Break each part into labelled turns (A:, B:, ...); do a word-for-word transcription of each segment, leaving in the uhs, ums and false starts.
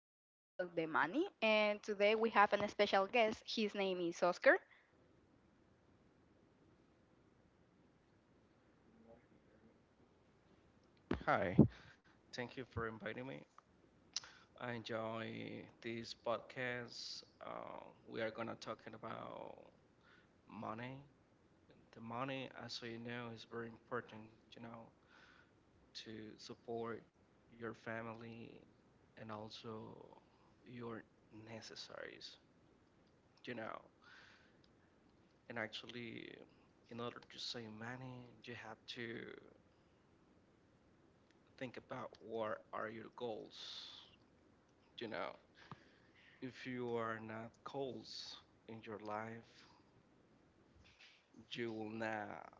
A: We'll talk about the money, and today we have an special guest. His name is Oscar.
B: Hi, thank you for inviting me. I enjoy this podcast. Uh, we are gonna talking about money. The money, as we know, is very important. You know, to support your family and also your necessaries. You know, and actually, in order to save money, you have to think about what are your goals. You know, if you are not goals in your life, you will not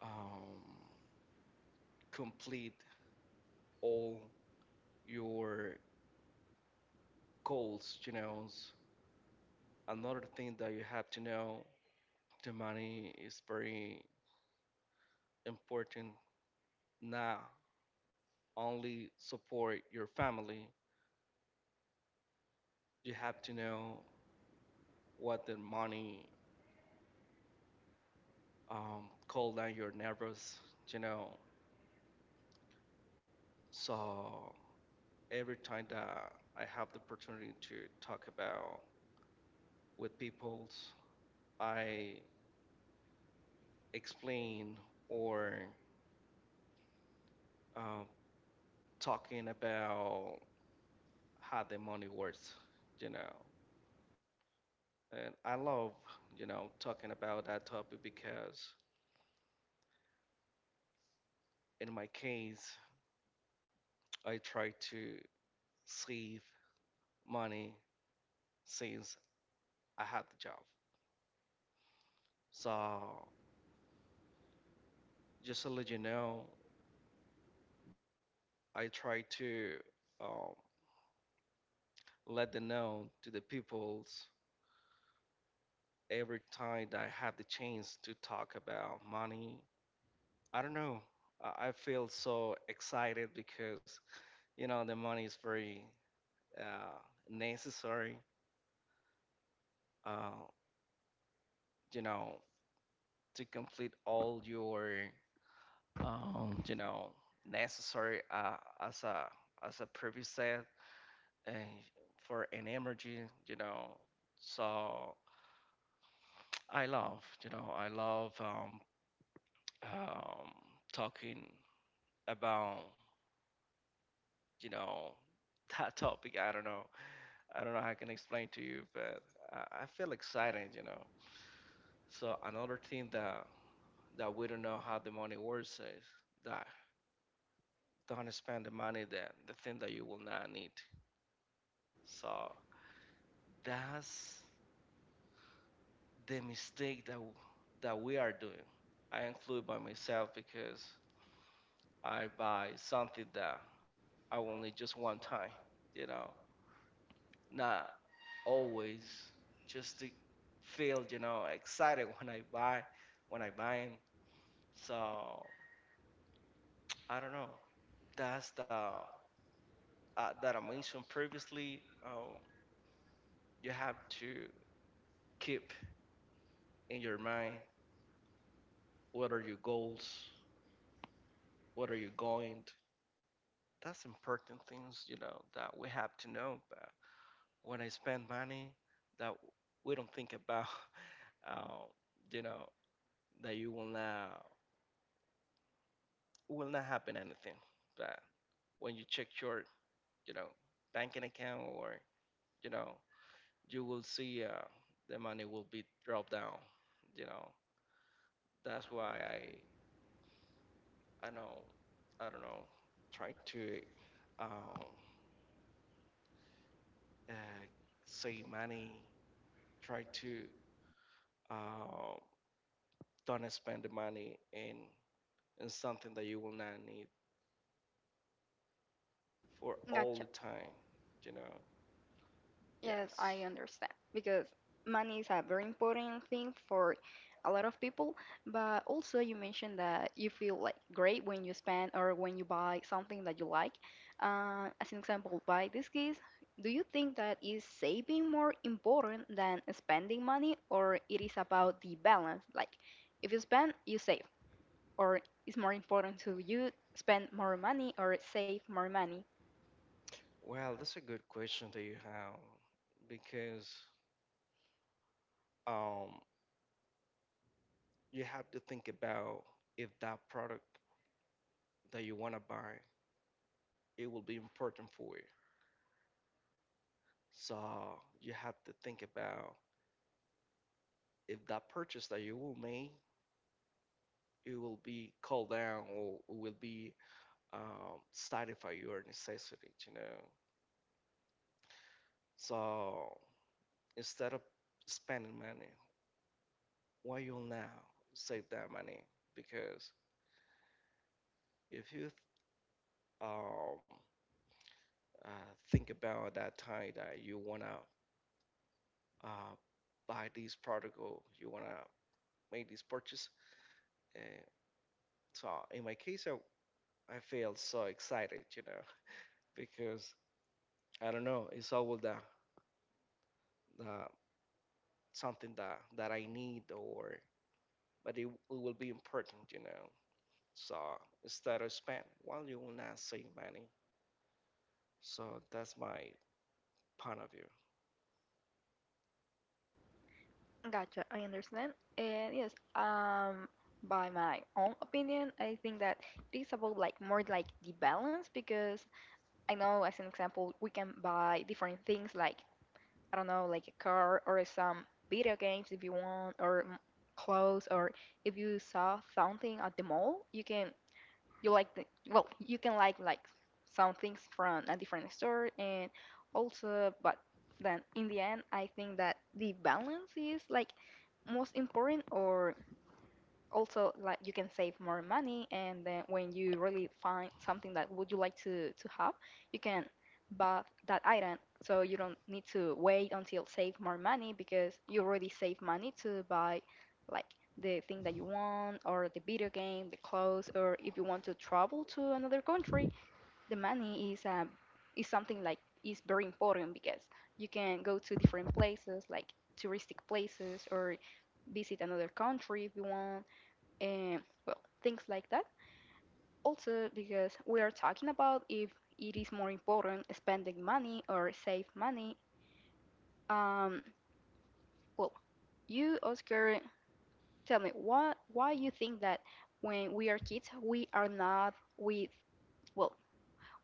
B: um, complete all your goals, you know. Another thing that you have to know, the money is very important. Not only support your family, you have to know what the money um, cool down your nerves, you know. So every time that I have the opportunity to talk about with people, I explain or um, talking about how the money works, you know. And I love, you know, talking about that topic because in my case, I try to save money since I had the job. So just to let you know, I try to um, let them know to the peoples every time that I have the chance to talk about money. I don't know. I I feel so excited because you know the money is very uh, necessary. Uh, you know to complete all your um, you know necessary uh, as a as a previous said and for an emergency. You know, so I love you know I love um, um, talking about you know that topic. I don't know. I don't know how I can explain to you, but I, I feel excited, you know. So another thing that that we don't know how the money works is that don't spend the money that the thing that you will not need. So that's the mistake that w- that we are doing. I include by myself because I buy something that I only just one time, you know, not always just to feel, you know, excited when I buy when I buy 'em. So I don't know. That's the uh, that I mentioned previously. Um, you have to keep in your mind what are your goals, what are you going. To. That's important things you know that we have to know. But when I spend money, that we don't think about, uh, you know, that you will not will not happen anything. But when you check your you know banking account or you know you will see uh, the money will be dropped down. You know, that's why I I know I don't know try to um, uh, save money, try to uh, don't spend the money in in something that you will not need for all
A: Gotcha.
B: the time. You know,
A: Yes,
B: yes.
A: I understand because money is a very important thing for a lot of people. But also, you mentioned that you feel like great when you spend or when you buy something that you like. Uh, as an example, buy this case. Do you think that is saving more important than spending money, or it is about the balance? Like, if you spend, you save. Or it's more important to you spend more money or save more money.
B: Well, that's a good question that you have because um, you have to think about if that product that you want to buy it will be important for you. So you have to think about if that purchase that you will make, it will be called down or will be um, satisfy your necessities, you know. So instead of spending money, why you now save that money? Because if you um, uh, think about that time that you wanna uh, buy this product or you wanna make this purchase, uh, so in my case, I I feel so excited, you know, because I don't know, it's always the, the something that that I need or but it, it will be important, you know. So instead of spend, well, you will not save money. So that's my point of view.
A: Gotcha, I understand. And yes, um, by my own opinion, I think that it is about like more like the balance because I know, as an example, we can buy different things like I don't know, like a car or some video games if you want, or m- clothes, or if you saw something at the mall, you can you like the well you can like like some things from a different store and also but then in the end I think that the balance is like most important or also like you can save more money and then when you really find something that would you like to to have you can buy that item so you don't need to wait until save more money because you already save money to buy like the thing that you want or the video game the clothes or if you want to travel to another country the money is um is something like is very important because you can go to different places like touristic places or visit another country if you want and well, things like that. Also, because we are talking about if it is more important spending money or save money. Um, well, you, Oscar, tell me what why you think that when we are kids we are not we well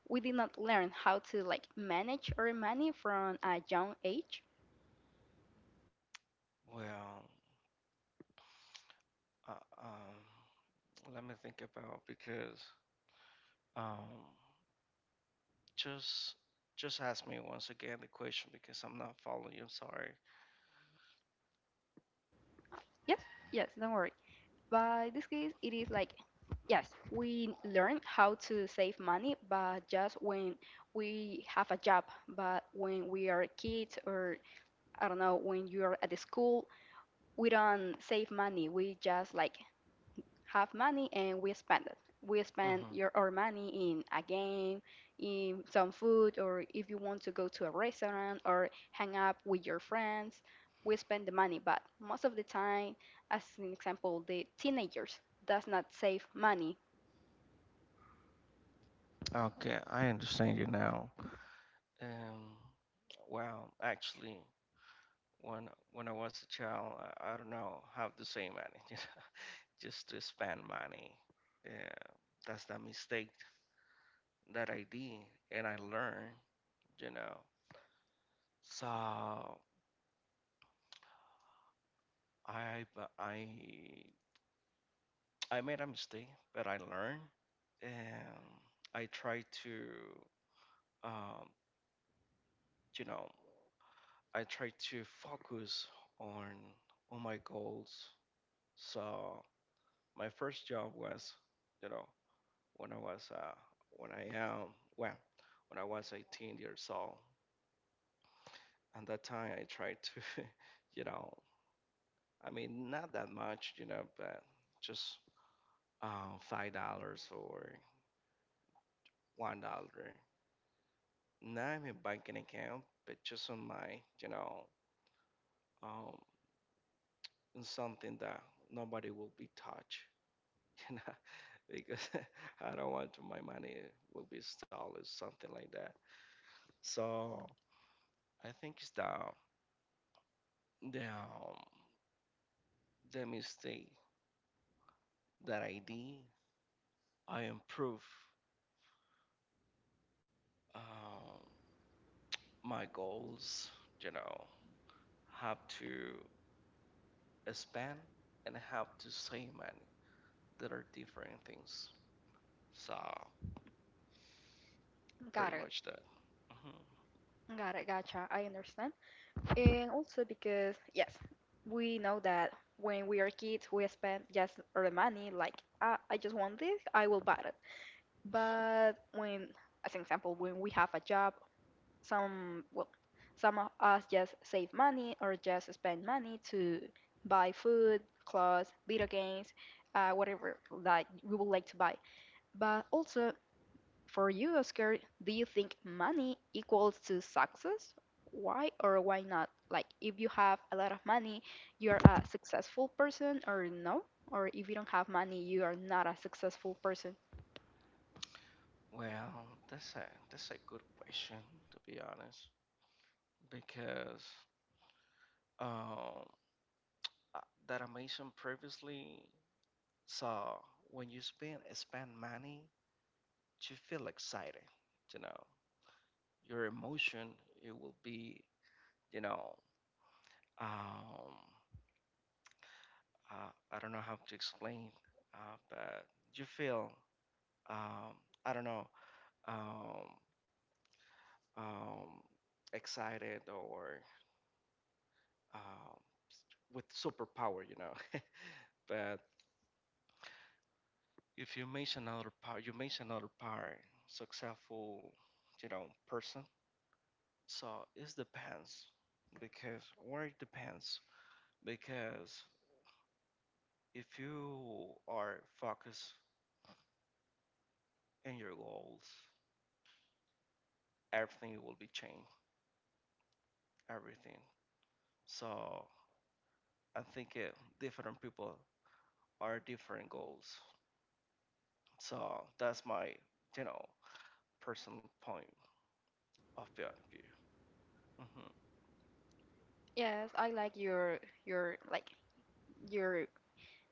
A: we did not learn how to like manage our money from a young age.
B: Well, uh, um, let me think about because um, just just ask me once again the question because I'm not following you. I'm sorry.
A: Yes, yes, don't worry. By this case, it is like, yes, we learn how to save money, but just when we have a job. But when we are kids, or I don't know, when you are at the school, we don't save money. We just like have money and we spend it. We spend
B: Hmm.
A: your our money in a game, in some food, or if you want to go to a restaurant or hang up with your friends, we spend the money. But most of the time, as an example, the teenagers does not save money.
B: Okay, I understand you now. Um, well, actually, when when I was a child, I, I don't know how to save money, you know, just to spend money. Yeah, that's the mistake that I did, and I learned, you know. So I b- I I made a mistake, but I learned, and I try to, um, you know, I try to focus on on my goals. So my first job was, you know, when I was uh, when I um well, when I was eighteen years old. And that time I tried to, you know, I mean not that much, you know, but just uh, five dollars or one dollar. Not in a banking account, but just on my, you know, um, in something that nobody will be touch, you know, because I don't want my money will be stolen, something like that. So I think it's the the um, the mistake that I did. I improve um, my goals. You know, have to spend and have to save money. That are different things. So pretty
A: Got it.
B: much that. Hmm.
A: Got it. Gotcha. I understand. And also because yes, we know that when we are kids, we spend just our money. Like ah, I just want this, I will buy it. But when, as an example, when we have a job, some well, some of us just save money or just spend money to buy food, clothes, video games, uh, whatever that we would like to buy. But also for you, Oscar, do you think money equals to success? Why or why not? Like if you have a lot of money, you're a successful person or no? Or if you don't have money, you are not a successful person.
B: Well, that's a that's a good question to be honest, because um uh, that I mentioned previously. So when you spend spend money, to feel excited. You know, your emotion it will be, you know, um, uh, I don't know how to explain, uh, but you feel, um, I don't know, um, um, excited or um, with superpower, you know. But if you mention another power, you mention another power, successful, you know, person. So it depends because or it depends because if you are focused in your goals, everything will be changed. Everything. So I think it, different people are different goals. So that's my, you know, personal point of view. Hmm.
A: Yes, I like your your like your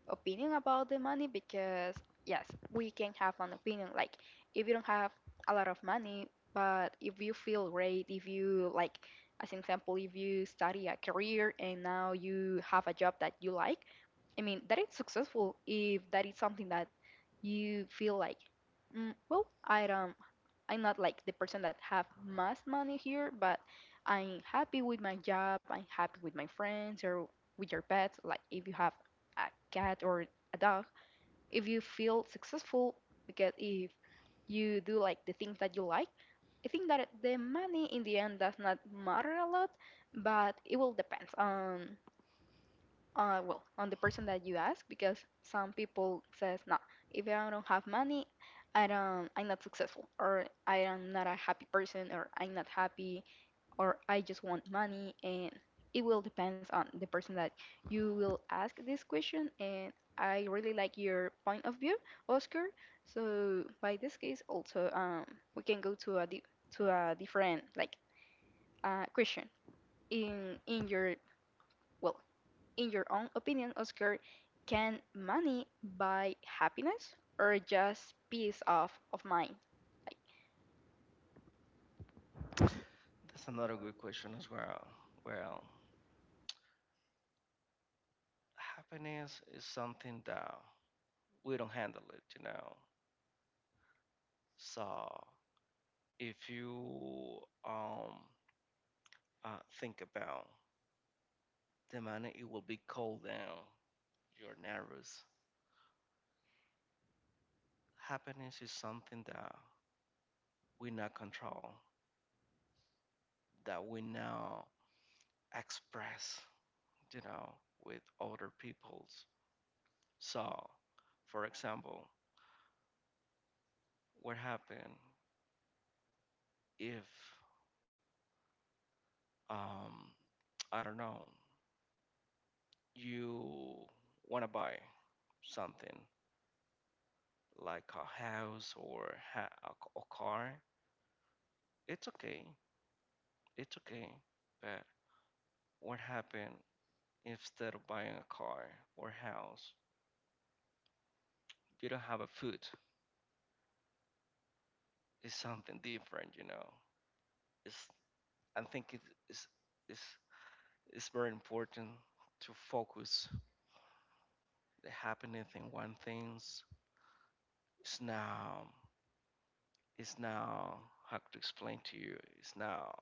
A: opinion about the money because yes, we can have an opinion. Like if you don't have a lot of money, but if you feel great, if you like as an example, if you study a career and now you have a job that you like, I mean that is successful if that is something that you feel like, mm, well, I don't I'm not like the person that have most money here, but I'm happy with my job. I'm happy with my friends or with your pets. Like if you have a cat or a dog, if you feel successful because if you do like the things that you like, I think that the money in the end does not matter a lot, but it will depend. Um, uh, well, on the person that you ask because some people says, "No, if I don't have money, I don't, I'm not successful, or I am not a happy person, or I'm not happy, or I just want money." And it will depends on the person that you will ask this question. And I really like your point of view, Oscar. So by this case, also, um, we can go to a di- to a different like uh, question in in your well in your own opinion, Oscar, can money buy happiness or just peace of, of mind? Like,
B: That's another good question as well. Well, happiness is something that we don't handle it, you know. So if you um uh, think about the money, it will be called down. You're nervous. Happiness is something that we not control, that we now express, you know, with other peoples. So, for example, what happened if um, I don't know, you want to buy something like a house or ha- a, c- a car, it's okay. It's okay. But what happened instead of buying a car or house, you don't have a food. It's something different, you know. It's I think it is it's it's very important to focus the happiness in one things. It's now it's now how to explain to you. It's now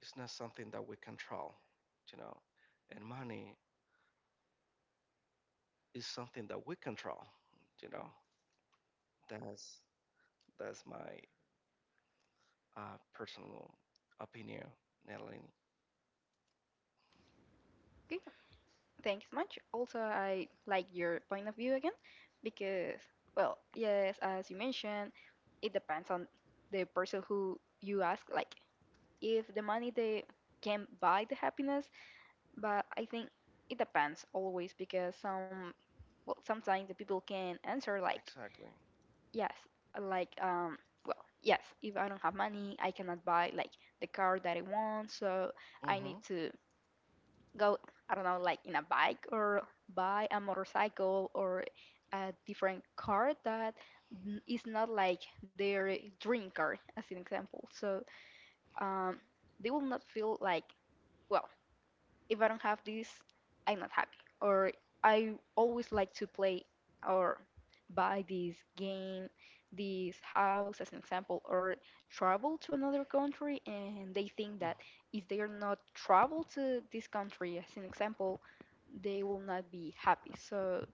B: it's not something that we control, you know. And money is something that we control, you know. That's that's my uh, personal opinion, Natalie.
A: okay, thanks much. Also, I like your point of view again because, well, yes, as you mentioned, it depends on the person who you ask. Like, if the money they can buy the happiness, but I think it depends always because some, well, sometimes the people can answer like,
B: Exactly.
A: yes, like um well, yes, if I don't have money, I cannot buy like the car that I want, so I
B: Mm-hmm.
A: need to go, I don't know, like in a bike or buy a motorcycle or a different car that n- is not like their dream car, as an example. So um they will not feel like well, if I don't have this, I'm not happy. Or I always like to play or buy this game, this house, as an example, or travel to another country, and they think that if they are not travel to this country, as an example, they will not be happy. So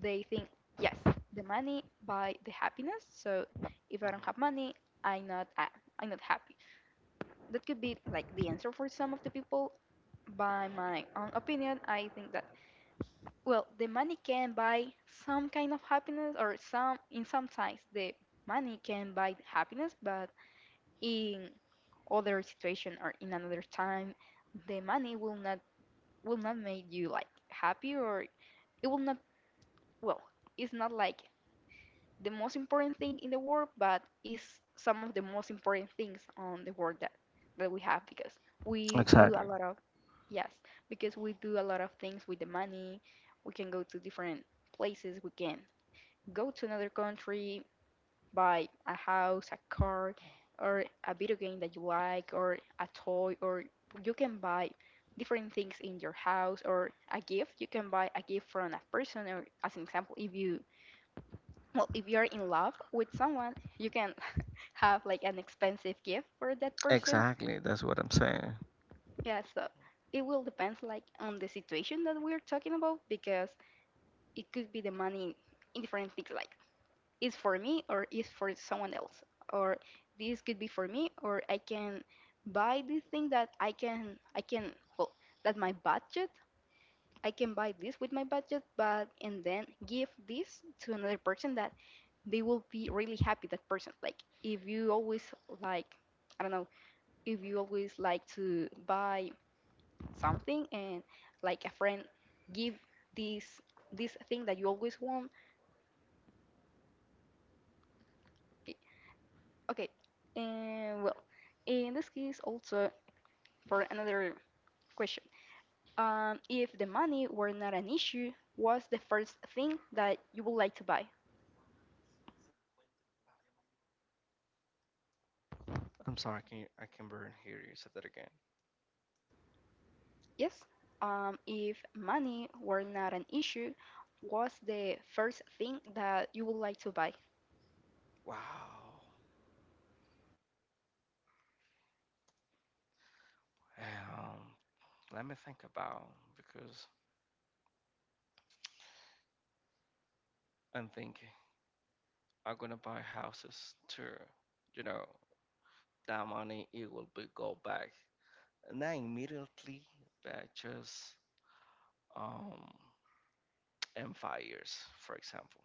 A: they think, yes, the money buy the happiness. So if I don't
B: Mm-hmm.
A: have money, I'm not, I'm not happy. That could be like the answer for some of the people, by my own opinion, I think that well, the money can buy some kind of happiness, or some in some times the money can buy happiness, but in other situation or in another time, the money will not will not make you like happy, or it will not well, it's not like the most important thing in the world, but it's some of the most important things on the world that that we have because we do a
B: Exactly.
A: lot of yes, because we do a lot of things with the money. We can go to different places. We can go to another country, buy a house, a car, or a video game that you like, or a toy, or you can buy different things in your house, or a gift. You can buy a gift from a person, or as an example, if you well, if you're in love with someone, you can have like an expensive gift for that person.
B: Exactly, that's what I'm saying.
A: Yeah, so it will depends like on the situation that we're talking about because it could be the money in different things like it's for me or it's for someone else or this could be for me or I can buy this thing that i can I can well that my budget I can buy this with my budget but and then give this to another person that they will be really happy that person like if you always like I don't know if you always like to buy something and like a friend give this this thing that you always want i- okay, and well, in this case, also for another question, um, if the money were not an issue, what's the first thing that you would like to buy?
B: I'm sorry, can you, I can barely hear you say that again.
A: Yes, um, if money were not an issue, what's the first thing that you would like to buy?
B: Wow. Um, let me think about because I'm thinking I'm gonna buy houses too. You know, that money it will be go back. Not immediately, but just um in five years, for example.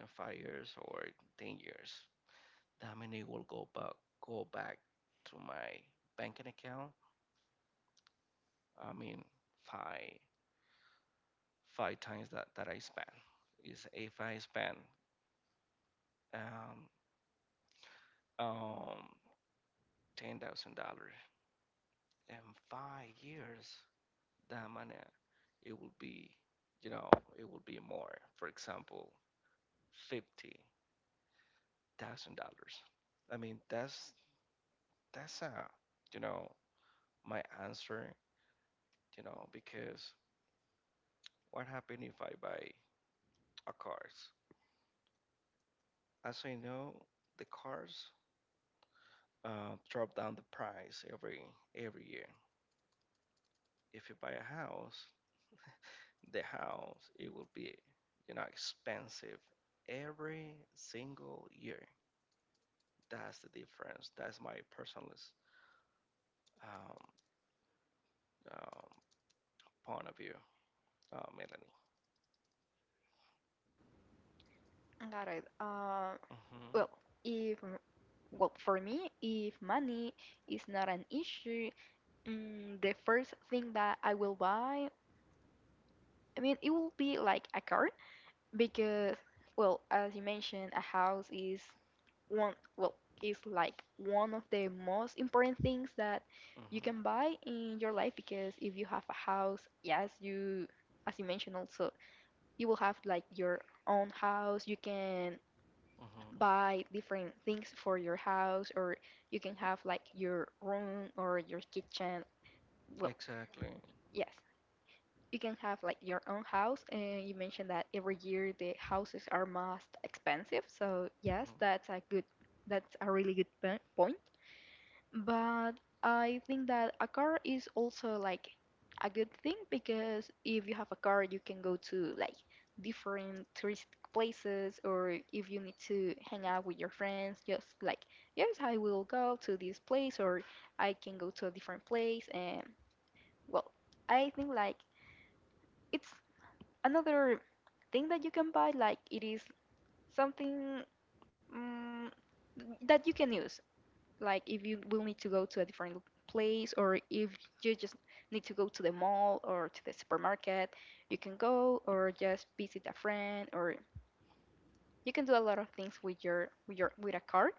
B: In five years or ten years, that money will go back go back to my banking account. I mean five five times that, that I spent. Is if I spend um, um, ten thousand dollars in five years, that money it will be, you know, it will be more. For example, fifty thousand dollars. I mean, that's that's a, you know, my answer. You know, because what happened if I buy a cars? As I know, the cars uh, drop down the price every every year. If you buy a house, the house it will be, you know, expensive every single year. That's the difference. That's my personal um, um, point of view, uh, Melanie.
A: Got it. Uh,
B: Mm-hmm,
A: Well, if well for me, if money is not an issue, mm, the first thing that I will buy, I mean, it will be like a car. Because, well, as you mentioned, a house is one, well, is like one of the most important things that you
B: mm-hmm,
A: can buy in your life. Because if you have a house, yes, you, as you mentioned also, you will have like your own house. You can
B: mm-hmm.
A: buy different things for your house, or you can have like your room or your kitchen. Well,
B: Exactly.
A: yes, you can have like your own house and you mentioned that every year the houses are most expensive, so yes,
B: Mm-hmm,
A: that's a good that's a really good po- point. But I think that a car is also like a good thing because if you have a car you can go to like different touristic places, or if you need to hang out with your friends, just like, yes, I will go to this place, or I can go to a different place. And well, I think like it's another thing that you can buy, like it is something mm, that you can use, like if you will need to go to a different lo- place, or if you just need to go to the mall or to the supermarket, you can go, or just visit a friend, or you can do a lot of things with your with your with a card.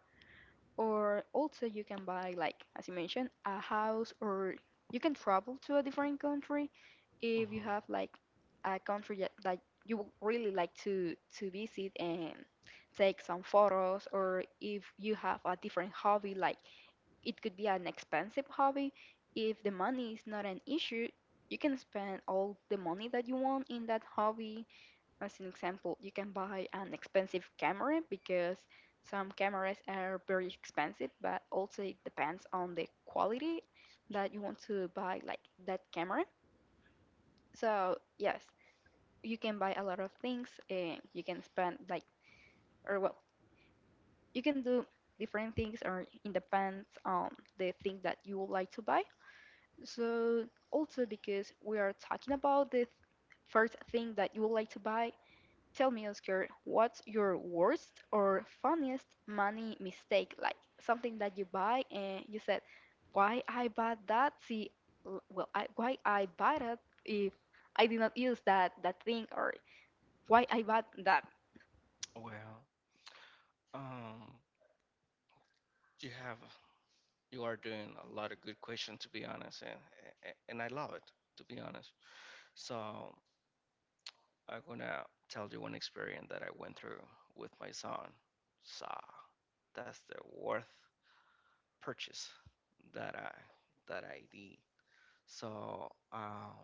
A: Or also you can buy, like as you mentioned, a house, or you can travel to a different country if you
B: mm-hmm.
A: have like a country that that you would really like to to visit and take some photos. Or if you have a different hobby, like it could be an expensive hobby, if the money is not an issue, you can spend all the money that you want in that hobby. As an example, you can buy an expensive camera because some cameras are very expensive, but also it depends on the quality that you want to buy, like that camera. So yes, you can buy a lot of things and you can spend, like, or well, you can do different things, or it depends on the thing that you would like to buy. So also, because we are talking about the first thing that you would like to buy, tell me, Oscar, what's your worst or funniest money mistake? Like something that you buy and you said, "Why I bought that? See, l- well, I, why I bought it if I did not use that that thing, or why I bought that?"
B: Well, um, you have you are doing a lot of good questions to be honest, and and and I love it to be honest. So I'm gonna tell you one experience that I went through with my son. So that's the worth purchase that I that I did. So um,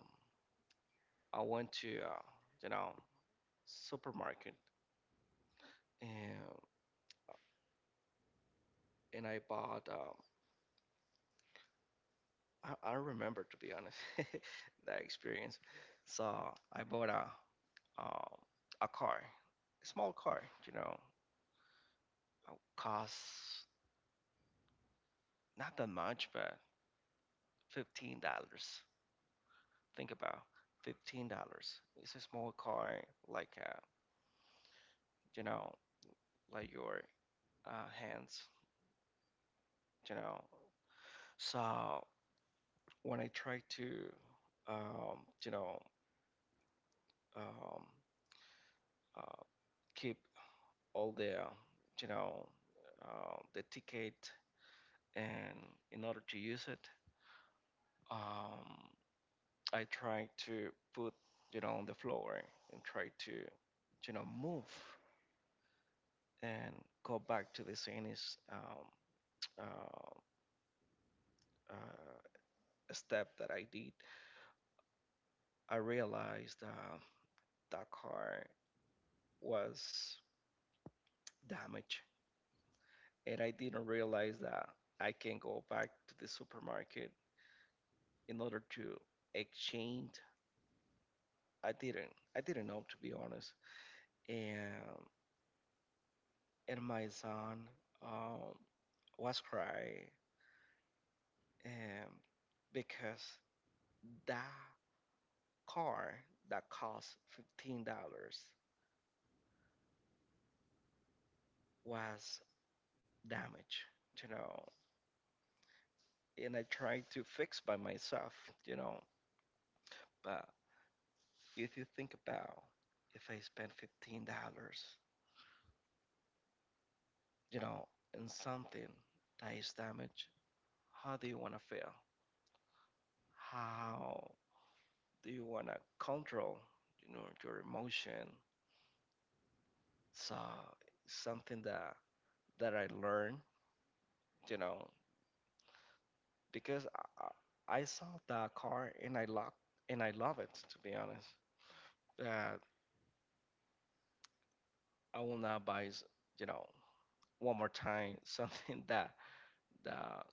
B: I went to uh, you know supermarket and and I bought. Um, I, I remember to be honest that experience. So I bought a um, a car, a small car. You know, costs not that much, but fifteen dollars think about fifteen dollars. It's a small coin, like uh, you know, like your uh, hands, you know. So when I try to, um, you know, um, uh, keep all the, you know, um the ticket, and in order to use it, um, I try to put, you know, on the floor and try to, you know, move and go back to the same is, um, uh, uh, step that I did, I realized uh, that car was damaged, and I didn't realize that I can go back to the supermarket in order to exchange. I didn't. I didn't know to be honest, and and my son um, was crying um, because that car that cost fifteen dollars was damaged. You know, and I try to fix by myself, you know. But if you think about if I spend fifteen dollars, you know, in something that is damaged, how do you wanna feel? How do you wanna control, you know, your emotion? So something that that I learned, you know, because I, I saw that car and I love and I love it to be honest. That I will not buy, you know, one more time something that that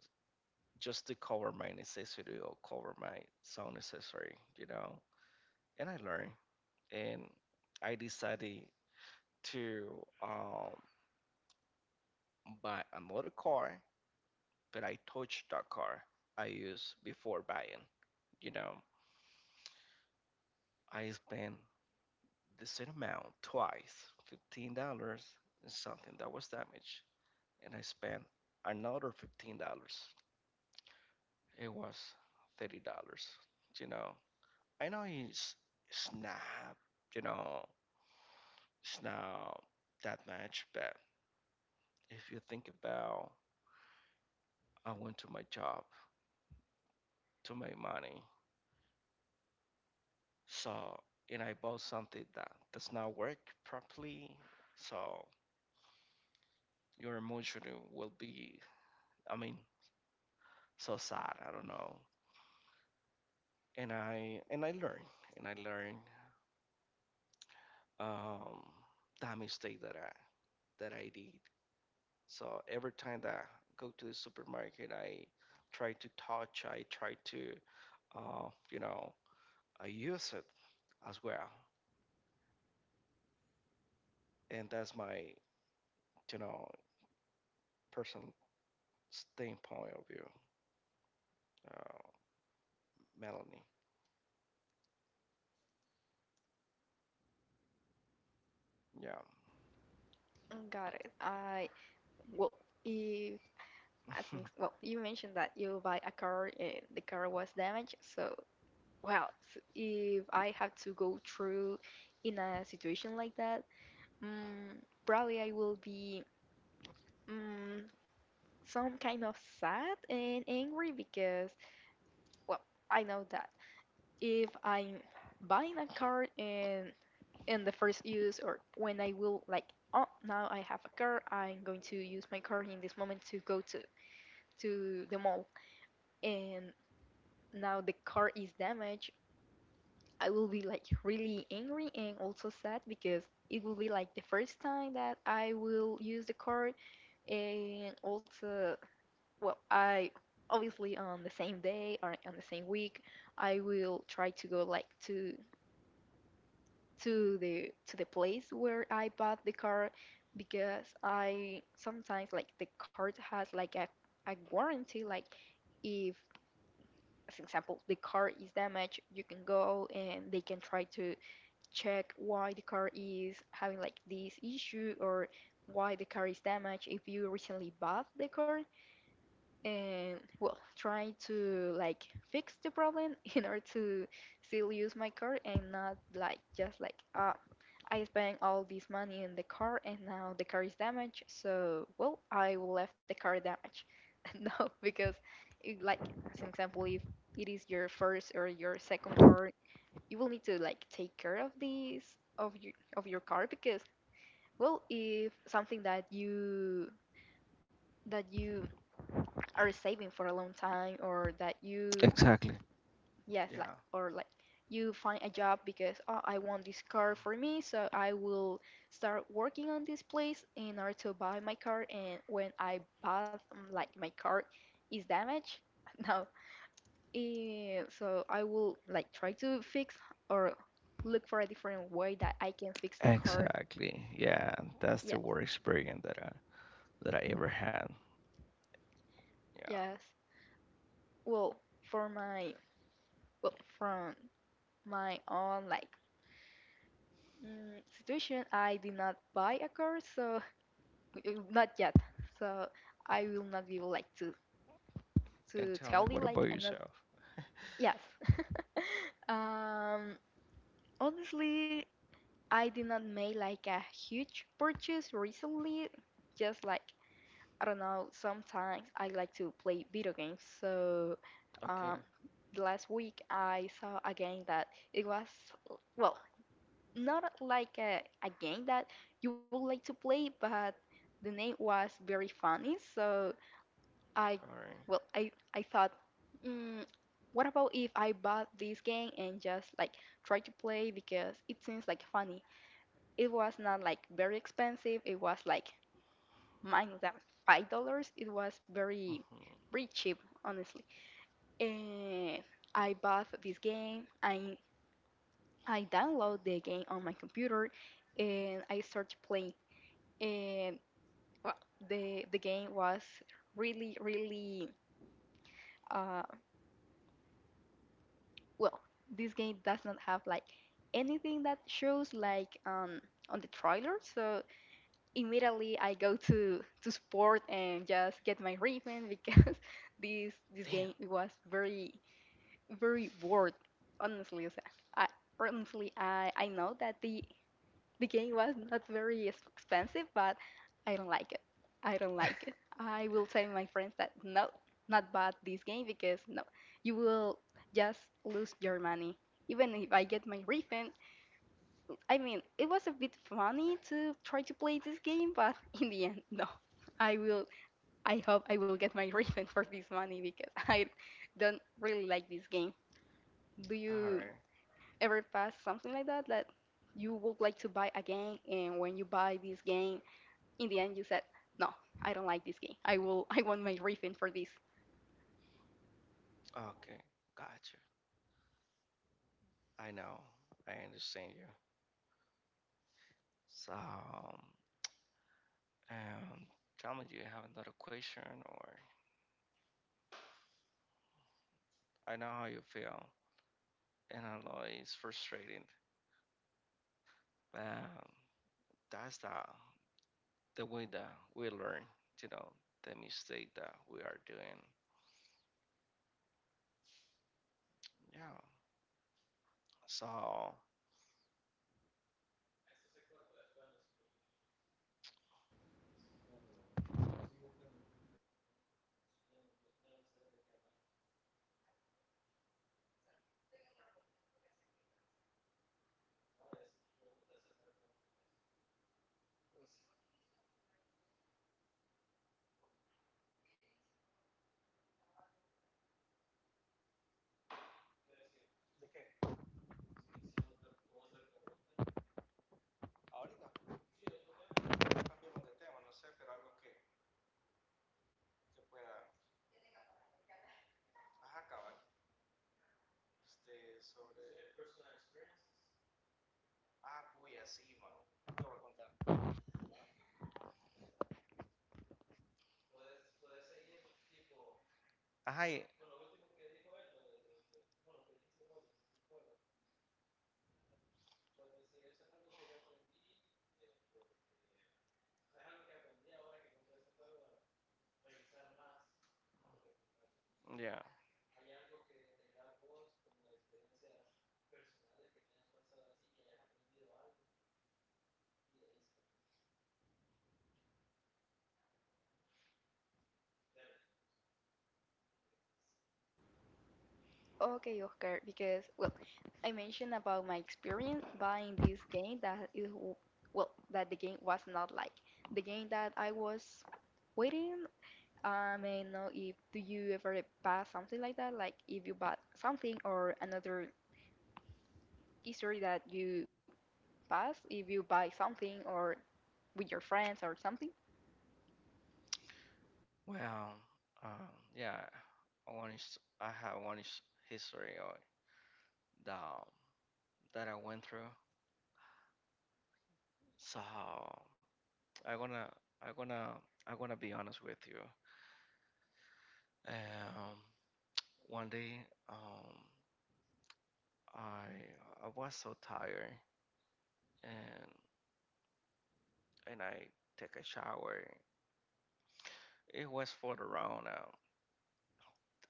B: just to cover my necessity or cover my sound necessary, you know. And I learned, and I decided to um, buy another car, but I touched that car I used before buying. You know, I spent the same amount twice, fifteen dollars and something that was damaged, and I spent another fifteen dollars. It was thirty dollars, you know. I know he's it's not, you know, it's not that much, but if you think about, I went to my job to make money, so and I bought something that does not work properly, so your emotion will be, I mean, so sad. I don't know, and I and I learn and I learn um, that mistake that I that I did. So every time that I go to the supermarket, I try to touch, I try to, uh, you know, I use it as well. And that's my, you know, personal standpoint of view, uh, Melanie. Yeah.
A: Mm. Got it. I Well, if I think, well, you mentioned that you buy a car and the car was damaged, so well, s if I have to go through in a situation like that, mm, probably I will be mm, some kind of sad and angry because, well, I know that if I'm buying a car and in the first use, or when I will like, oh, now I have a car, I'm going to use my car in this moment to go to to the mall, and now the car is damaged, I will be like really angry and also sad, because it will be like the first time that I will use the car. And also, well, I obviously on the same day or on the same week, I will try to go like to to the to the place where I bought the car, because I sometimes like the car has like a a warranty, like if for example the car is damaged, you can go and they can try to check why the car is having like this issue, or why the car is damaged if you recently bought the car, and well, try to like fix the problem in order to still use my car, and not like just like, ah, I spent all this money in the car and now the car is damaged, so well, I will left the car damaged no, because it, like as an example, if it is your first or your second car, you will need to like take care of these of your of your car, because well, if something that you that you are saving for a long time, or that you,
B: Exactly.
A: yes, like,
B: Yeah.
A: or like you find a job because, oh, I want this car for me, so I will start working on this place in order to buy my car, and when I bought um, like my car is damaged no, eh, so I will like try to fix or look for a different way that I can fix the car.
B: Exactly. Yeah, that's the
A: Yes.
B: worst experience that I that I ever had. Yeah.
A: Yes. Well, for my well, from my own like Mm, situation, I did not buy a car, so not yet. So I will not be able like to
B: And
A: to
B: tell me,
A: tell
B: what
A: you
B: about
A: like another.
B: yourself?
A: Yes. um, Honestly, I did not make like a huge purchase recently. Just like, I don't know, sometimes I like to play video games. So
B: Okay.
A: um, last week I saw a game that it was well, not a- like a, a game that you would like to play, but the name was very funny. So
B: All
A: I,
B: right.
A: well, I I thought, mm, what about if I bought this game and just like try to play, because it seems like funny. It was not like very expensive. It was like minus than five dollars. It was very
B: Mm-hmm.
A: very cheap, honestly. And I bought this game. I I download the game on my computer and I start playing, and well, the the game was really really uh well, this game does not have like anything that shows like um on the trailer. So immediately I go to to sport and just get my refund, because this this
B: Damn.
A: game, it was very very bored, honestly. O I honestly, i i know that the The game was not very ex- expensive, but I don't like it. I don't like it. I will tell my friends that no, not bad this game, because no, you will just lose your money. Even if I get my refund, I mean, it was a bit funny to try to play this game, but in the end, no. I will, I hope I will get my refund for this money, because I don't really like this game. Do
B: All
A: you
B: right.
A: ever passed something like that that you would like to buy a game, and when you buy this game in the end you said, no, I don't like this game, I will I want my refund for this?
B: Okay. Gotcha. I know. I understand you. So, um, um, tell me, do you have another question? Or I know how you feel, and I know it's frustrating, but um, that's the the way that we learn. You know, the mistake that we are doing. Yeah. So. Cambiemos de tema, no sé, pero algo que, que pueda. Ajá, cabal. Este, sobre. Ah, puya, sí, mano. Te voy a contar. Ajá, y- yeah.
A: Okay, Oscar, because, well, I mentioned about my experience buying this game that it, w- well, that the game was not like the game that I was waiting. um, I may know if do you ever pass something like that, like if you bought something, or another history that you pass if you buy something, or with your friends, or something.
B: Well, um, yeah, one is I have one is history of that that I went through. So I gonna I gonna I gonna be honest with you. Um, one day, um, I I was so tired and and I take a shower. It was for around uh,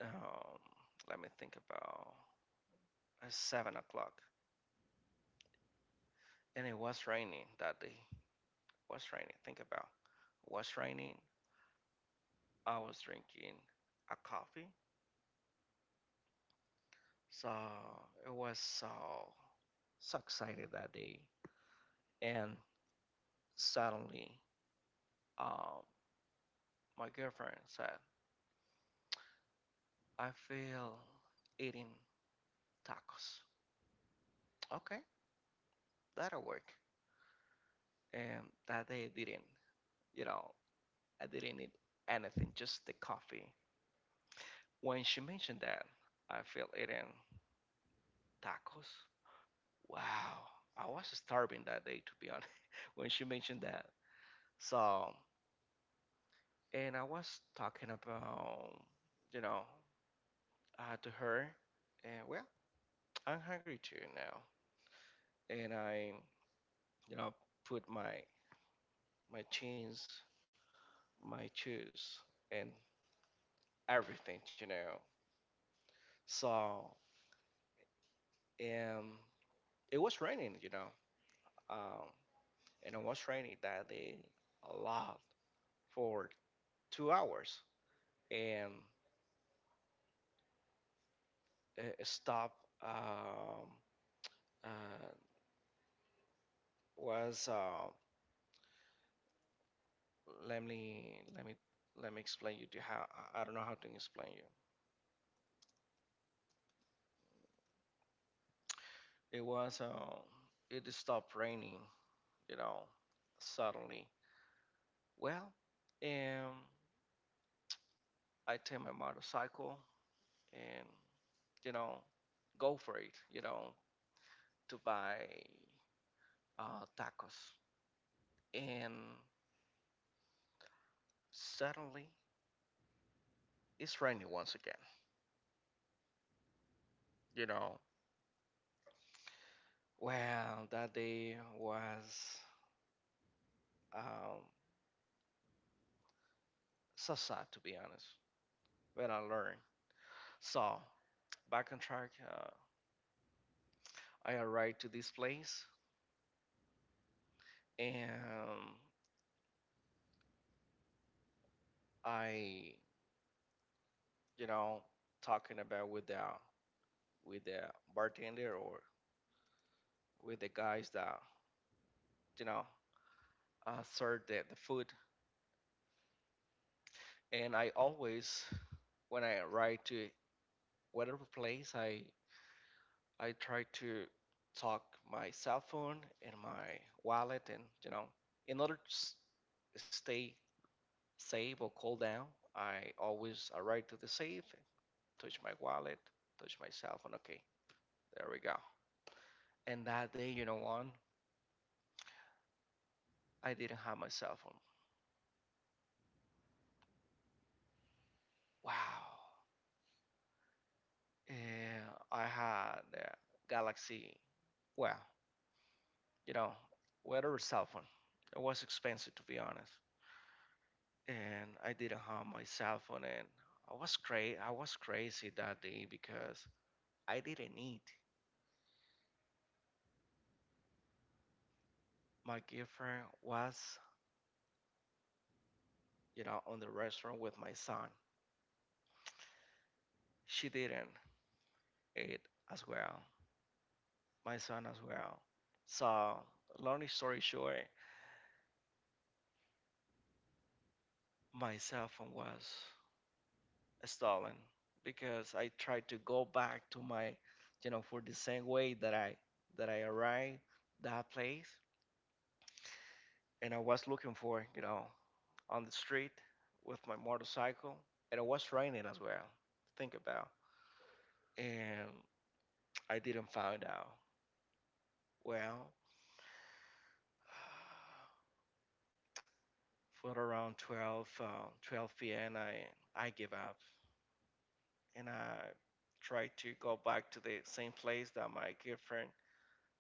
B: um, let me think about uh, seven o'clock, and it was raining that day. Was raining. Think about it was raining. I was drinking a coffee, so it was so so excited that day. And suddenly, um, my girlfriend said, "I feel eating tacos." Okay, that'll work. And that day I didn't, you know, I didn't eat anything, just the coffee. When she mentioned that, I feel eating tacos. Wow, I was starving that day to be honest when she mentioned that. So, and I was talking about, you know, uh, to her, and well, I'm hungry too now, and I, you know, put my my jeans, my shoes, and everything, you know. So, and it was raining, you know, um, and it was raining that day a lot for two hours, and uh, stop um, uh, was uh, let me let me let me explain you to how I I don't know how to explain you. It was um, it stopped raining, you know, suddenly. Well, um, I take my motorcycle and you know go for it, you know, to buy uh, tacos. And suddenly it's raining once again, you know. Well, that day was um, so sad to be honest, when I learned. So back on track, uh, I arrived to this place and I, you know, talking about with the with the bartender or with the guys that you know uh, serve the, the food. And I always when I arrive to whatever place, I I try to talk my cell phone and my wallet and you know in order to s- stay save or call down, I always arrive to the save, touch my wallet, touch my cell phone. Okay, there we go. And that day, you know what? I didn't have my cell phone. Wow. Yeah, I had the Galaxy. Well, you know, whatever cell phone. It was expensive, to be honest. And I didn't have my cell phone, and I was cra- I was crazy that day because I didn't eat. My girlfriend was you know, on the restaurant with my son. She didn't eat as well. My son as well. So, long story short, my cell phone was stolen because I tried to go back to my, you know, for the same way that I that I arrived that place, and I was looking for, you know, on the street with my motorcycle, and it was raining as well. Think about, and I didn't find out. Well, for around twelve, uh, twelve p m. I, I give up and I try to go back to the same place that my girlfriend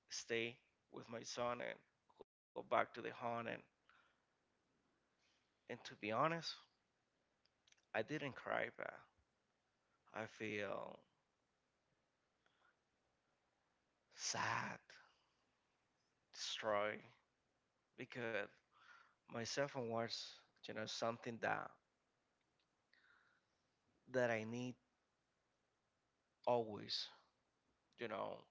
B: stay with my son and go back to the home. And, and to be honest, I didn't cry, but I feel sad, destroyed because my cell phone was, you know, something that that I need always, you know,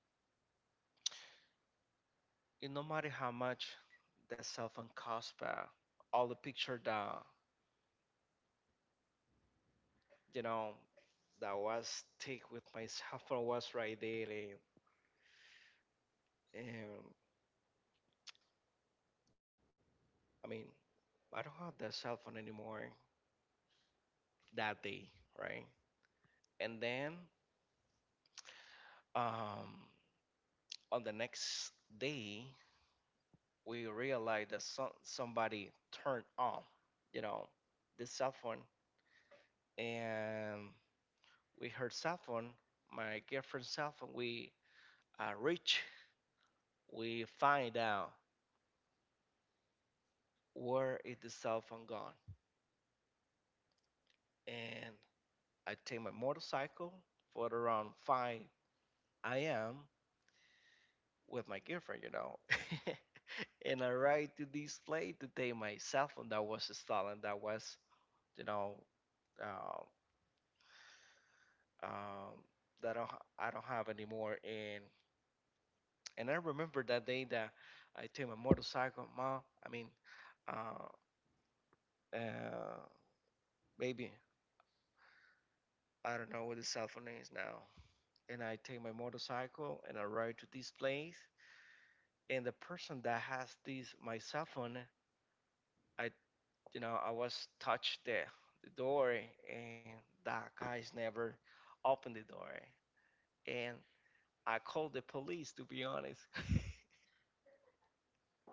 B: it no matter how much that cell phone costs, but all the picture that you know, that was stick with my cell phone was right there. And, and I mean, I don't have that cell phone anymore that day, right? And then um, on the next day, we realized that some, somebody turned on, you know, the cell phone. And with her cell phone, my girlfriend's cell phone, we uh, reach, we find out where is the cell phone gone. And I take my motorcycle for around five a m with my girlfriend, you know. And I ride to this place to take my cell phone that was stolen, that was, you know, uh, um, that I don't, ha- I don't have anymore. And and I remember that day that I took my motorcycle, mom. I mean, uh, uh, baby, I don't know what the cell phone is now. And I take my motorcycle and I ride to this place and the person that has this my cell phone I you know I was touched the, the door and that guy's never opened the door and I called the police to be honest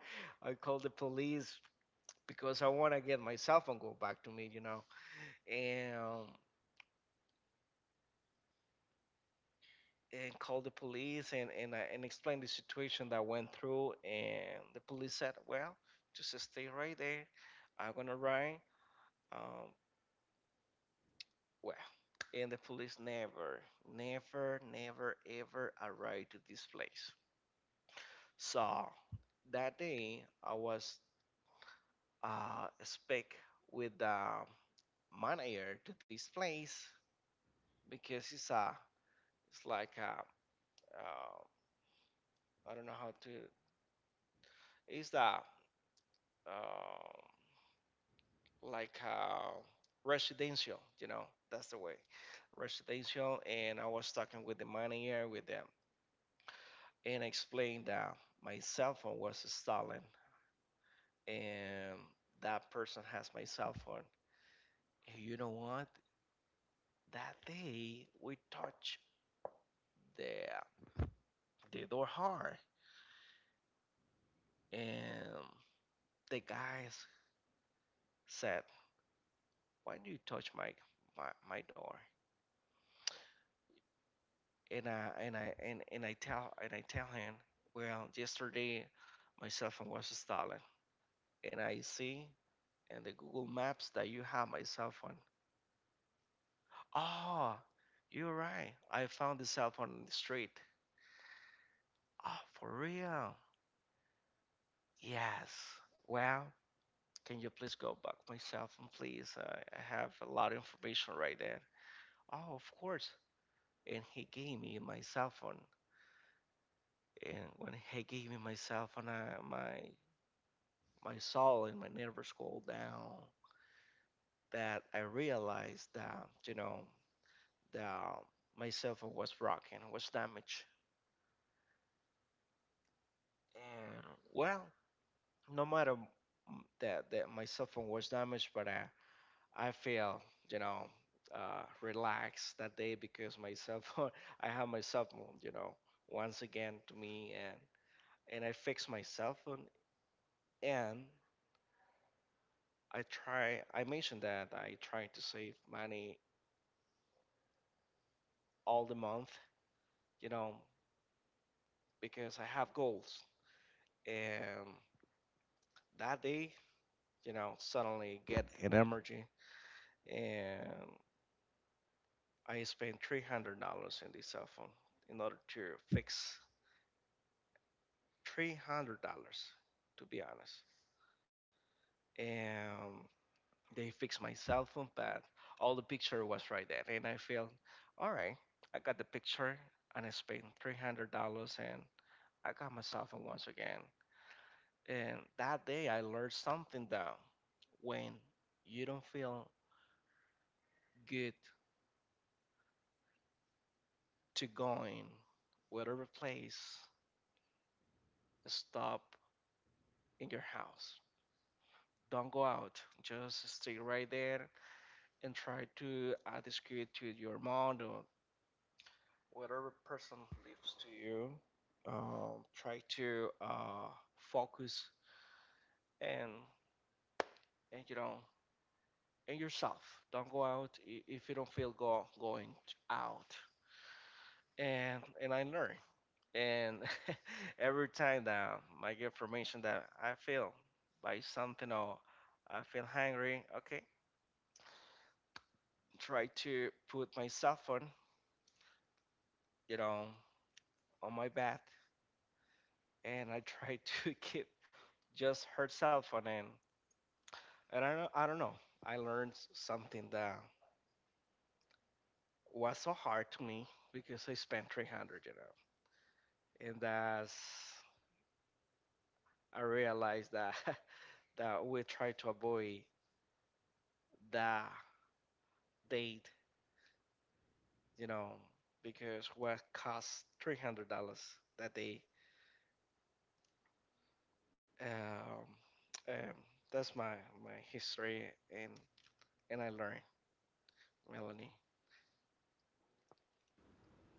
B: I called the police because I want to get my cell phone go back to me you know and um, and called the police and and, I- and explained the situation that I went through and the police said well just stay right there I'm gonna ride um, well, and the police never, never, never, ever arrived to this place. So that day, I was uh, speak with the manager to this place because it's a, it's like a, uh, I don't know how to, it's the, uh, like a residential, you know, that's the way, residential. And I was talking with the manager with them and I explained that my cell phone was stolen and that person has my cell phone. And you know what? That day we touched the the door hard and the guys said, "Why do you touch my my, my door?" And I and I and, and I tell and I tell him, "Well, yesterday my cell phone was stolen and I see in the Google Maps that you have my cell phone." "Oh, you're right. I found the cell phone in the street." "Oh, for real?" "Yes. Well, can you please go back my cell phone, please? I I have a lot of information right there." "Oh, of course." And he gave me my cell phone. And when he gave me my cell phone, I, my my soul and my nerves cooled down. That I realized that you know that my cell phone was broken, was damaged. And well, no matter m- that that my cell phone was damaged, but I I feel you know uh, relaxed that day because my cell phone I have my cell phone you know once again to me and and I fix my cell phone and I try I mentioned that I try to save money all the month you know because I have goals and that day you know suddenly get an energy and I spent three hundred dollars in this cell phone in order to fix three hundred dollars, to be honest. And they fixed my cell phone, but all the picture was right there, and I felt, all right, I got the picture, and I spent three hundred dollars, and I got my cell phone once again. And that day, I learned something that when you don't feel good to going whatever place, stop in your house. Don't go out. Just stay right there and try to add skill to your mom or whatever person lives to you. Um, try to uh, focus and and you know and yourself. Don't go out i- if you don't feel go going out. And and I learn. And every time that I get information that I feel by something or I feel hungry, okay, try to put my cell phone, you know, on my bath and I tried to get just her cell phone in. And I don't, I don't know. I learned something that was so hard to me because I spent three hundred, you know. And that's I realized that that we try to avoid that date, you know, because what cost three hundred dollars that day. Um, um, that's my my history and and I learned, Melanie.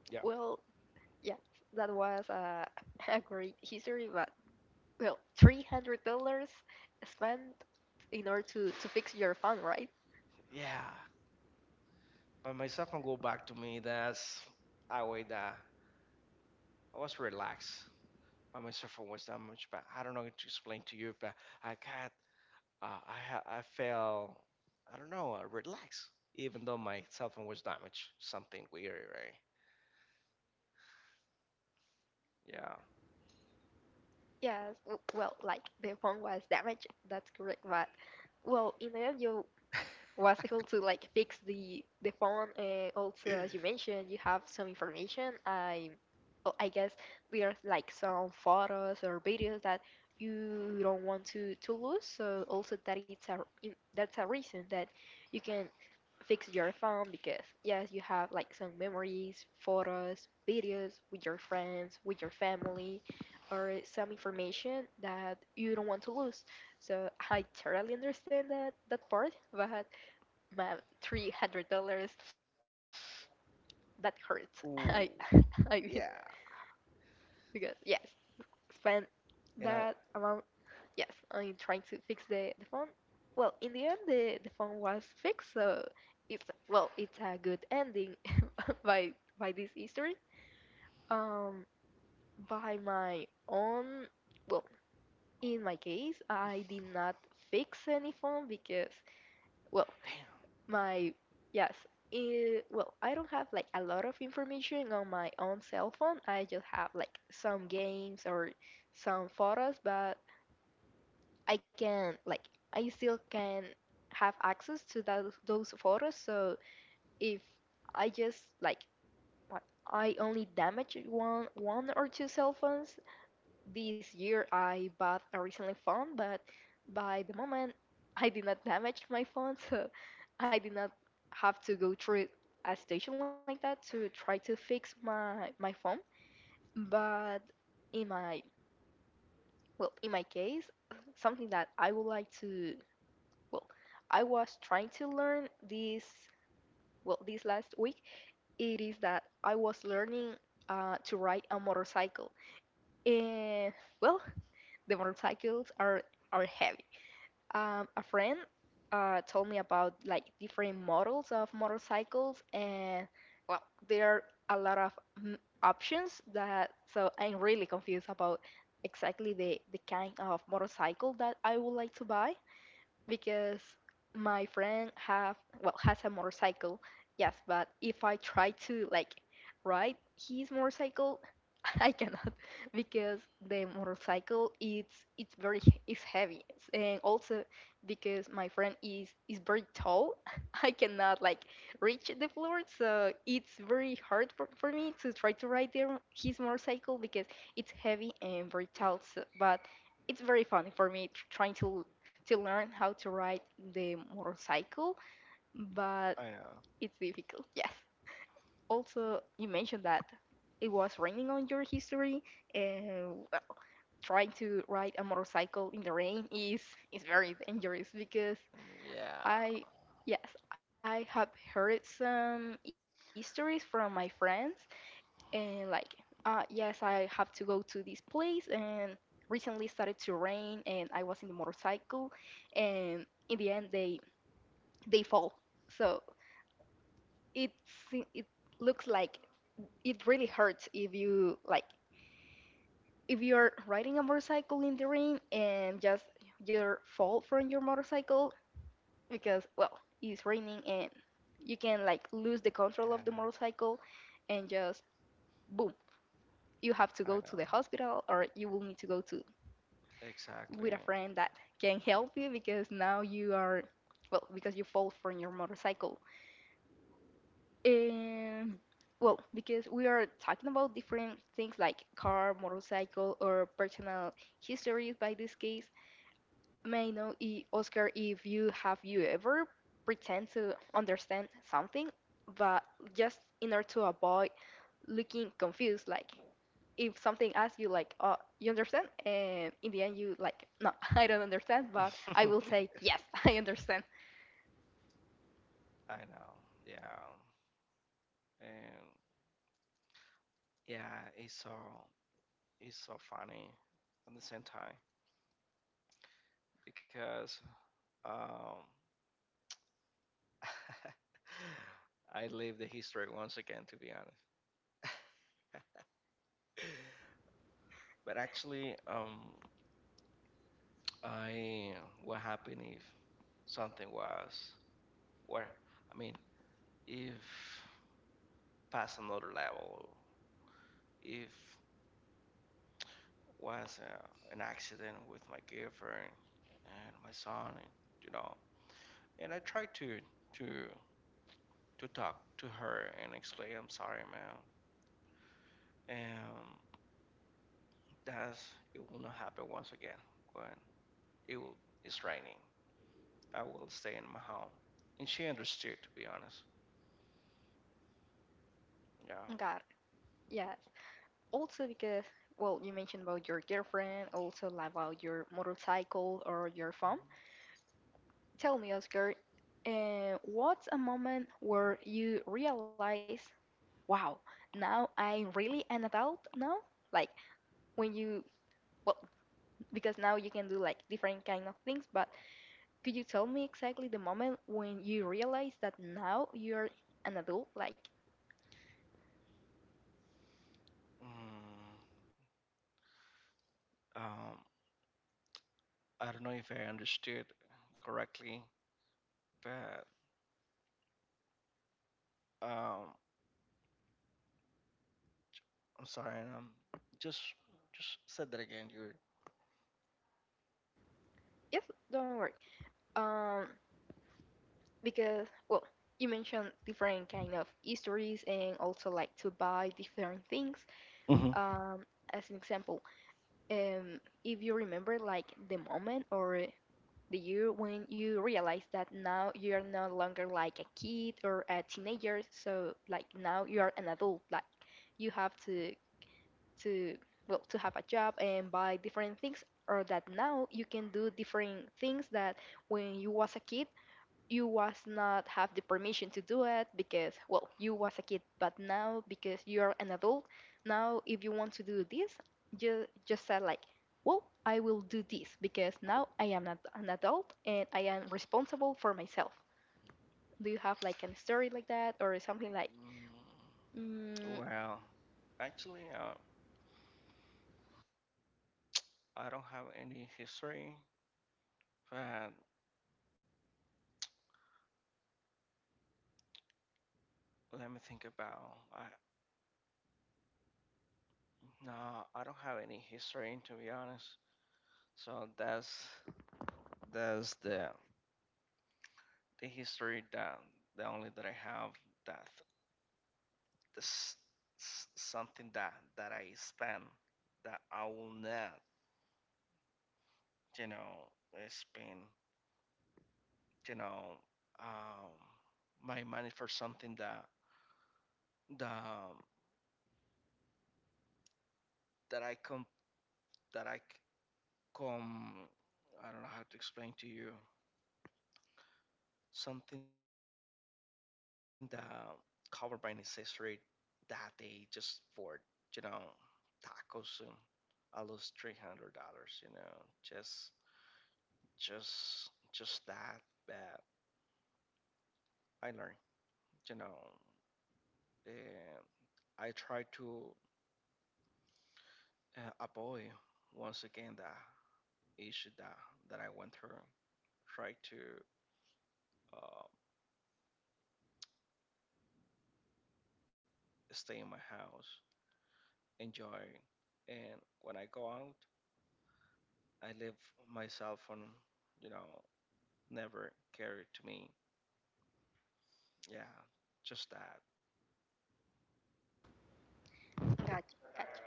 B: Yeah.
A: Well, yeah, that was a, a great history, but well, three hundred dollars spent in order to to fix your phone, right?
B: Yeah, by myself and go back to me. That's a way that I was relaxed. By myself, I was that much, but I don't know how to explain to you. But I got, uh, I, ha- I felt, I don't know, uh, relaxed, even though my cell phone was damaged. Something weird, right? Yeah.
A: Yes. w- Well, like the phone was damaged. That's correct, but well, in the end, you was able to like fix the the phone, and also as you mentioned you have some information. I well, i guess there's like some photos or videos that you don't want to to lose, so also that it's a in- that's a reason that you can fix your phone, because yes, you have like some memories, photos, videos with your friends, with your family, or some information that you don't want to lose. So I totally understand that that part, but but three hundred dollars, that hurts. I
B: Ooh.
A: I mean,
B: Yeah.
A: because yes, spend
B: And I,
A: that amount. Yes, I'm trying to fix the, the phone. Well, in the end, the, the phone was fixed, so it's, well, it's a good ending by by this history. Um, by my own, well, in my case, I did not fix any phone because, well,
B: damn,
A: my yes, eh, well, I don't have like a lot of information on my own cell phone. I just have like some games or some photos, but I can like I still can have access to those those photos. So if I just like, what I only damage one one or two cell phones this year. I bought a recently phone, but by the moment I did not damage my phone, so I did not have to go through a station like that to try to fix my my phone. But in my well, in my case, something that I would like to, well, I was trying to learn this well this last week. It is that I was learning uh, to ride a motorcycle. And well, the motorcycles are are heavy. Um, a friend uh, told me about like different models of motorcycles, and well, there are a lot of mm, options that. So I'm really confused about exactly the the kind of motorcycle that I would like to buy, because my friend have well has a motorcycle. Yes, but if I try to like ride his motorcycle, I cannot because the motorcycle, it's it's very, it's heavy, and also because my friend is is very tall, I cannot like reach the floor, so it's very hard for, for me to try to ride their his motorcycle, because it's heavy and very tall. So, but it's very funny for me, tr- trying to to learn how to ride the motorcycle,
B: I
A: but
B: know.
A: it's difficult. Yes. Also, you mentioned that it was raining on your history, and well, trying to ride a motorcycle in the rain is is very dangerous, because
B: Mm, yeah.
A: I, yes, I have heard some histories from my friends, and like uh yes, I have to go to this place and recently started to rain, and I was in the motorcycle, and in the end they they fall. So it se- it looks like it really hurts if you like, if you're riding a motorcycle in the rain and just you fall from your motorcycle, because well, it's raining and you can like lose the control of the
B: Yeah,
A: motorcycle, and just boom, you have to
B: I
A: go to
B: know.
A: the hospital, or you will need to go to
B: Exactly.
A: with a friend that can help you, because now you are, well, because you fall from your motorcycle. Um, well, because we are talking about different things like car, motorcycle, or personal histories, by this case, may I know, i- Oscar, if you have you ever pretend to understand something, but just in order to avoid looking confused, like if something asks you like, "Oh, you understand?" And in the end you like, "No, I don't understand," but I will say, "Yes, I understand."
B: I know. Yeah. And yeah, it's all. Is so funny at the same time because um, I live the history once again, to be honest. But actually, um, I what happened if something was where I mean, if past another level, if was uh, an accident with my girlfriend and my son, and, you know, and I tried to to to talk to her and explain, I'm sorry, man, Um, that's it will not happen once again. When it will, it's raining, I will stay in my home. And she understood, to be honest. Yeah.
A: God, yes. Also, because, well, you mentioned about your girlfriend, also like about your motorcycle or your phone, tell me, Oscar, uh, what's a moment where you realize, wow, now I'm really an adult now? Like when you, well, because now you can do like different kind of things, but could you tell me exactly the moment when you realize that now you're an adult? Like,
B: Mm, um, I don't know if I understood correctly, but um, I'm sorry. Um, just just said that again, dude.
A: yes, don't worry. Um, because, well, you mentioned different kind of histories and also like to buy different things,
B: Hmm. Mm,
A: um as an example, um if you remember like the moment or the year when you realize that now you're no longer like a kid or a teenager, so like now you are an adult, like you have to to well, to have a job and buy different things, or that now you can do different things that when you was a kid you was not have the permission to do it, because, well, you was a kid, but now because you're an adult now, if you want to do this, just just say like, well, I will do this, because now I am not an adult and I am responsible for myself. Do you have like a story like that or something like mm,
B: well, actually, uh, I don't have any history, but let me think about. I. No, I don't have any history to be honest. So that's that's the the history that the only that I have that this s- something that that I spend that I will not you know spend you know um my money for something that that that I come that I c- come I don't know how to explain to you something that covered by necessary that day just for, you know, tacos. And I lose three hundred dollars. You know, just just just that. But I learned, you know, and I try to uh, avoid once again the issue that that I went through. Try to uh, stay in my house, enjoy, and when I go out, I leave my cell phone, you know, never carried to me. Yeah, just that.
A: gotcha, gotcha.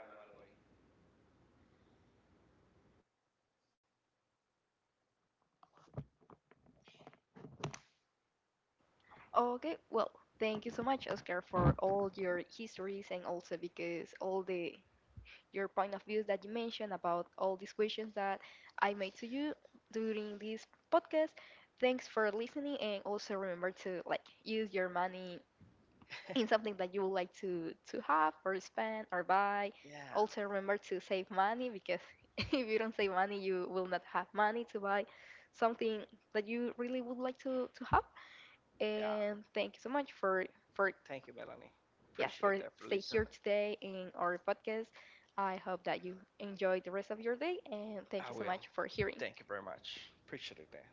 A: Okay, well, thank you so much, Oscar, for all your histories, and also because all the your point of views that you mentioned about all these questions that I made to you during this podcast. Thanks for listening, and also remember to like use your money in something that you would like to to have or spend or buy.
B: Yeah,
A: Also remember to save money, because if you don't save money, you will not have money to buy something that you really would like to to have.
B: yeah.
A: And thank you so much for for
B: Thank you, Melanie.
A: yes,
B: Appreciate
A: for
B: that for
A: stay
B: listening.
A: here today in our podcast. I hope that you enjoy the rest of your day, and thank
B: I
A: you so
B: will.
A: much for hearing.
B: Thank you very much. Appreciate it.